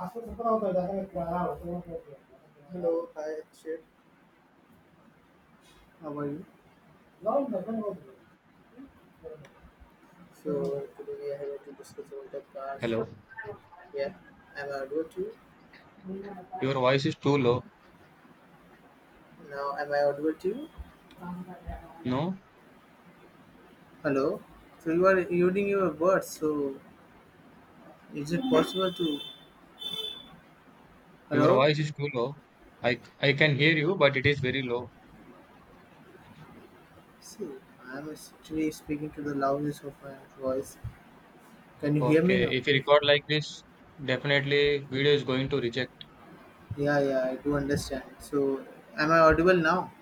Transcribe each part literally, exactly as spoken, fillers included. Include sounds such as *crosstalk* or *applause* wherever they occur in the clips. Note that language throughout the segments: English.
After Satana, I was. Hello, hi Akshay, how are you? Now Satana was. So today we are here to discuss about the Hello, cars. Yeah, am I audible to you? your voice is too low. Now am I audible to you? No, Hello. So you are using your words. So is it possible to? your Hello. voice is too low. I I can hear you, but it is very low. See, I am actually speaking to the loudness of my voice. Can you hear me now? Okay, if you record like this, definitely video is going to reject. Yeah, yeah, I do understand. So am I audible now?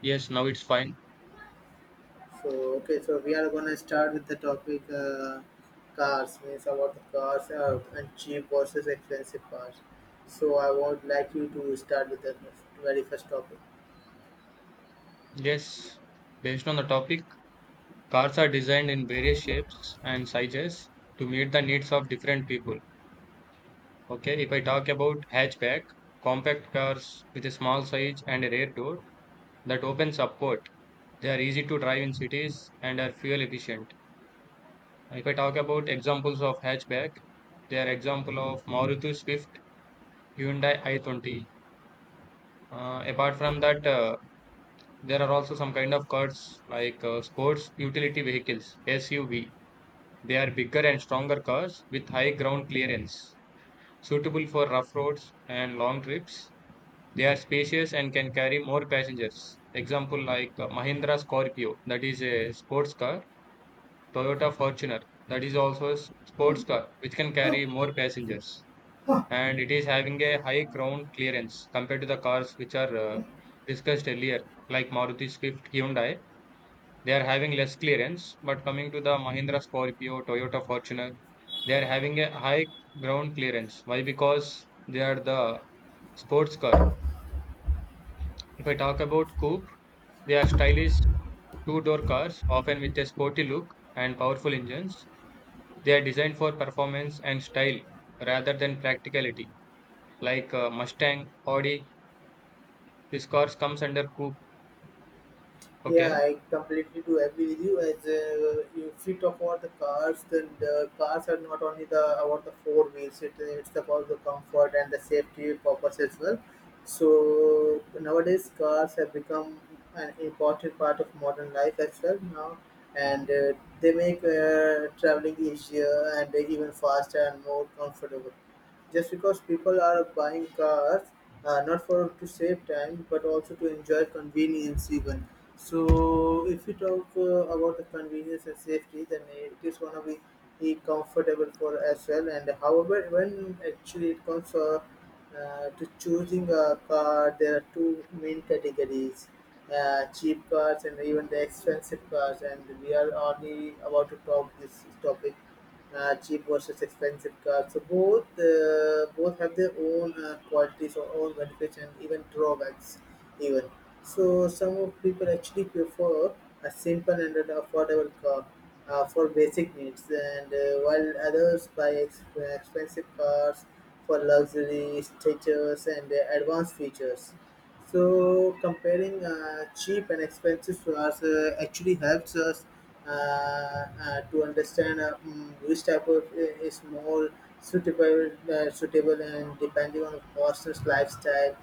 Yes, now it's fine. So okay, so we are gonna start with the topic uh, cars. Means about the cars uh, and cheap versus expensive cars. So I would like you to start with the very first topic. Yes, based on the topic, cars are designed in various shapes and sizes to meet the needs of different people. Okay, if I talk about hatchback, compact cars with a small size and a rear door that opens upward. They are easy to drive in cities and are fuel efficient. If I talk about examples of hatchback, they are example of Maruti Swift, Hyundai i twenty. Uh, apart from that, uh, there are also some kind of cars like uh, sports utility vehicles (S U V). They are bigger and stronger cars with high ground clearance, suitable for rough roads and long trips. They are spacious and can carry more passengers. Example like uh, Mahindra Scorpio, that is a sports car, Toyota Fortuner, that is also a s- sports car, which can carry more passengers. And it is having a high ground clearance compared to the cars which are uh, discussed earlier, like Maruti Swift, Hyundai. They are having less clearance, but coming to the Mahindra Scorpio, Toyota Fortuner, they are having a high ground clearance. Why? Because they are the sports car. If I talk about coupe, they are stylish two-door cars, often with a sporty look and powerful engines. They are designed for performance and style rather than practicality, like uh, Mustang, Audi, this cars comes under coupe. Yeah, Okay. I completely do agree with you. As uh, you if you talk about the cars, then the cars are not only the about the four wheels. It, it's about the comfort and the safety purpose as well. So nowadays, cars have become an important part of modern life as well now, and uh, they make uh, traveling easier and even faster and more comfortable just because people are buying cars uh, not for to save time but also to enjoy convenience even. So if you talk uh, about the convenience and safety, then it is one of the the comfortable for as well. And however, when actually it comes uh, uh, to choosing a car, there are two main categories, uh, cheap cars and even the expensive cars, and we are only about to talk this topic, uh, cheap versus expensive cars. So both uh, both have their own uh, qualities or own benefits and even drawbacks. Even so, some of people actually prefer a simple and an affordable car uh, for basic needs, and uh, while others buy ex- expensive cars for luxury, status, and uh, advanced features. So comparing uh, cheap and expensive flaws uh, actually helps us uh, uh, to understand uh, mm, which type of uh, is more suitable, uh, suitable, and depending on person's lifestyle,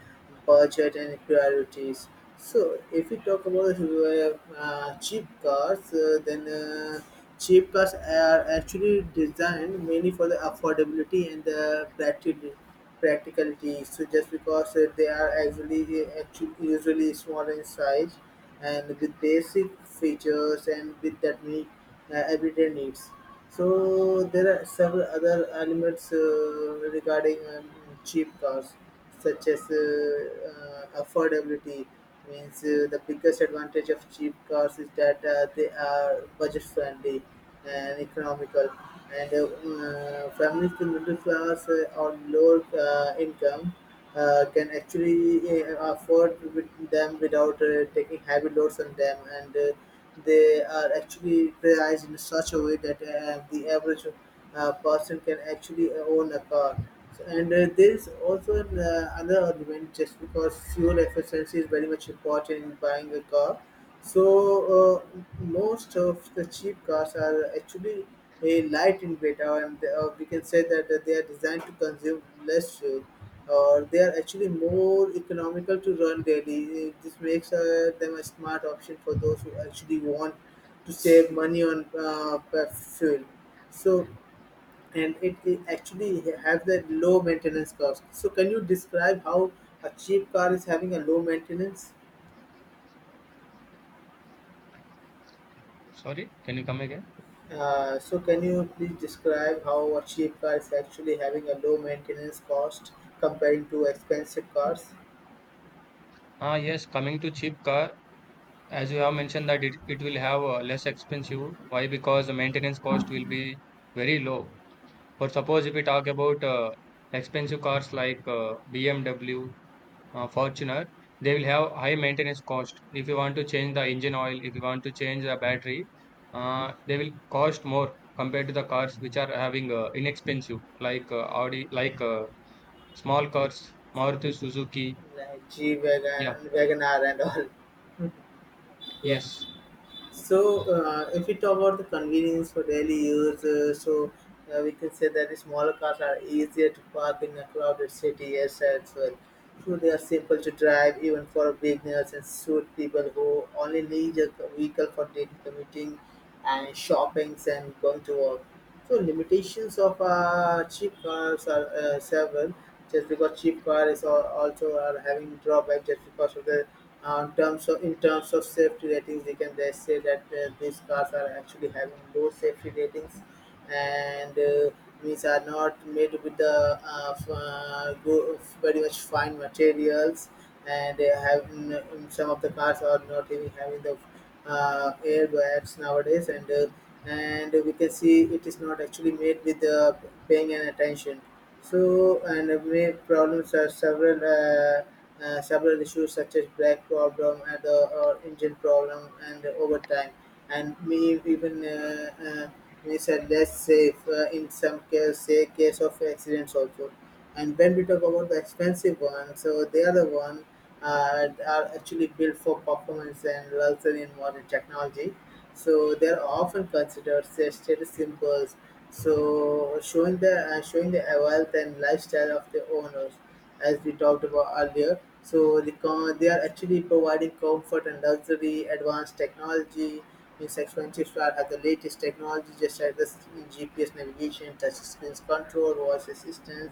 budget, and priorities. So if we talk about uh, uh, cheap cars, uh, then uh, cheap cars are actually designed mainly for the affordability and the practicality practicality. So just because uh, they are actually actually usually smaller in size and with basic features and with that meet uh, everyday needs. So there are several other elements uh, regarding um, cheap cars, such as uh, uh, affordability. Means uh, the biggest advantage of cheap cars is that uh, they are budget friendly and economical, and uh, uh, families to middle class uh, or lower uh, income. Uh, can actually uh, afford with them without uh, taking heavy loads on them, and uh, they are actually priced in such a way that uh, the average uh, person can actually own a car. So- And uh, there is also an, uh, another argument just because fuel efficiency is very much important in buying a car. So uh, most of the cheap cars are actually a light in weight, uh, and uh, we can say that uh, they are designed to consume less fuel, or they are actually more economical to run daily. Eh, This makes uh, them a smart option for those who actually want to save money on uh, pe- fuel. So, and it, it actually have that low maintenance cost. So, can you describe how a cheap car is having a low maintenance? Sorry. Can you come again? Uh, so, can you please describe how a cheap car is actually having a low maintenance cost comparing to expensive cars Ah, yes. Coming to cheap car, as you have mentioned that it, it will have uh, less expensive. Why? Because the maintenance cost will be very low. For suppose if we talk about uh, expensive cars like uh, B M W, uh, Fortuner, they will have high maintenance cost. If you want to change the engine oil, if you want to change the battery, uh, they will cost more compared to the cars which are having uh, inexpensive like uh, Audi, like uh, small cars, Maruti Suzuki. like G Yeah, wagon, Wagoner, and all? *laughs* Yeah. yes, So, uh, if we talk about the convenience for daily use, uh, so uh, we can say that the smaller cars are easier to park in a crowded city as well. So they are simple to drive even for beginners, and suit people who only need a vehicle for daily commuting and shoppings and going to work. So limitations of uh, cheap cars are uh, several. Just because cheap car is al- also are having drawback just because of the uh, in terms of in terms of safety ratings, we can just say that uh, these cars are actually having low safety ratings, and uh, these are not made with the uh, f- uh, go, very much fine materials, and they have n- n- some of the cars are not even having the uh, airbags nowadays, and uh, and we can see it is not actually made with uh, paying an attention. So and uh, we- problems are several. Uh, uh, several issues such as brake problem and uh, or engine problem and over time, and many even uh, uh, many said less safe uh, in some case say case of accidents also. And when we talk about the expensive one, so they are the one uh, are actually built for performance and luxury in modern technology, so they are often considered say, status symbols, so showing the uh, showing the wealth and lifestyle of the owners, as we talked about earlier. So the co- they are actually providing comfort and luxury, advanced technology. Means expensive star has the latest technology, just like this G P S navigation, touch screens control, voice assistance,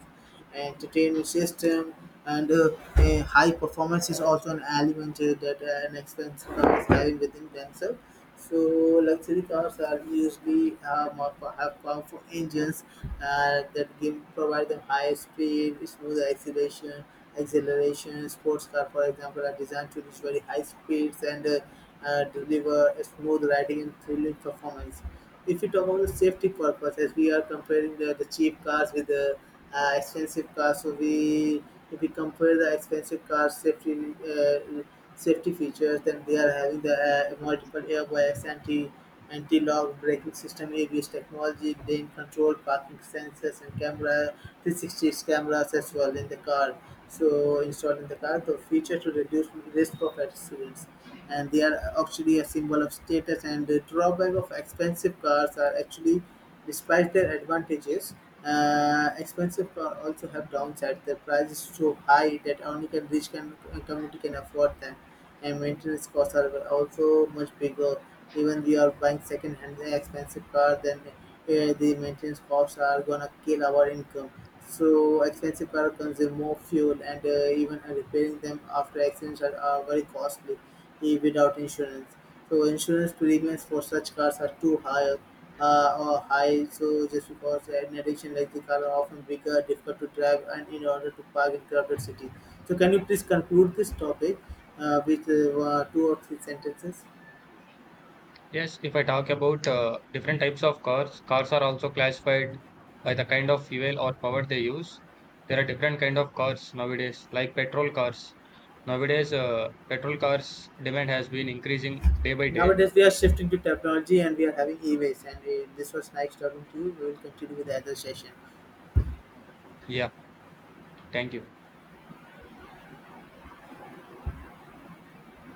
entertainment system, and uh, uh, high performance is also an element uh, that uh, an expensive car is having within themselves. So luxury cars are usually uh, more po- have powerful engines uh, that give provide them high speed, smooth acceleration, acceleration. Sports car, for example, are designed to reach very high speeds, and uh, uh, deliver a smooth riding and thrilling performance. If you talk about the safety purpose, as we are comparing the, the cheap cars with the uh, expensive cars, so we if we compare the expensive cars safety uh, safety features. Then they are having the uh, multiple airbags, anti anti lock braking system, A B S technology, lane control, parking sensors, and camera, three sixty cameras as well in the car. So installed in the car, the feature to reduce risk of accidents. And they are actually a symbol of status. And the drawback of expensive cars are actually, despite their advantages, uh, expensive car also have downside. Their price is so high that only can rich can community can afford them, and maintenance costs are also much bigger. Even if you are buying second-hand expensive car, then uh, the maintenance costs are gonna kill our income. So expensive car consume more fuel, and uh, even uh, repairing them after accidents are, are very costly eh, without insurance. So insurance premiums for such cars are too high uh, or high. So just because uh, in addition, like the car are often bigger, difficult to drive, and in order to park in crowded city. So can you please conclude this topic uh, with uh, uh, two or three sentences? yes. If I talk about uh, different types of cars, cars are also classified by the kind of fuel or power they use. There are different kind of cars nowadays, like petrol cars. Nowadays, uh, petrol cars demand has been increasing day by day. Nowadays we are shifting to technology and we are having e-waste, and uh, this was nice talking to you. We will continue with the other session. Yeah, thank you.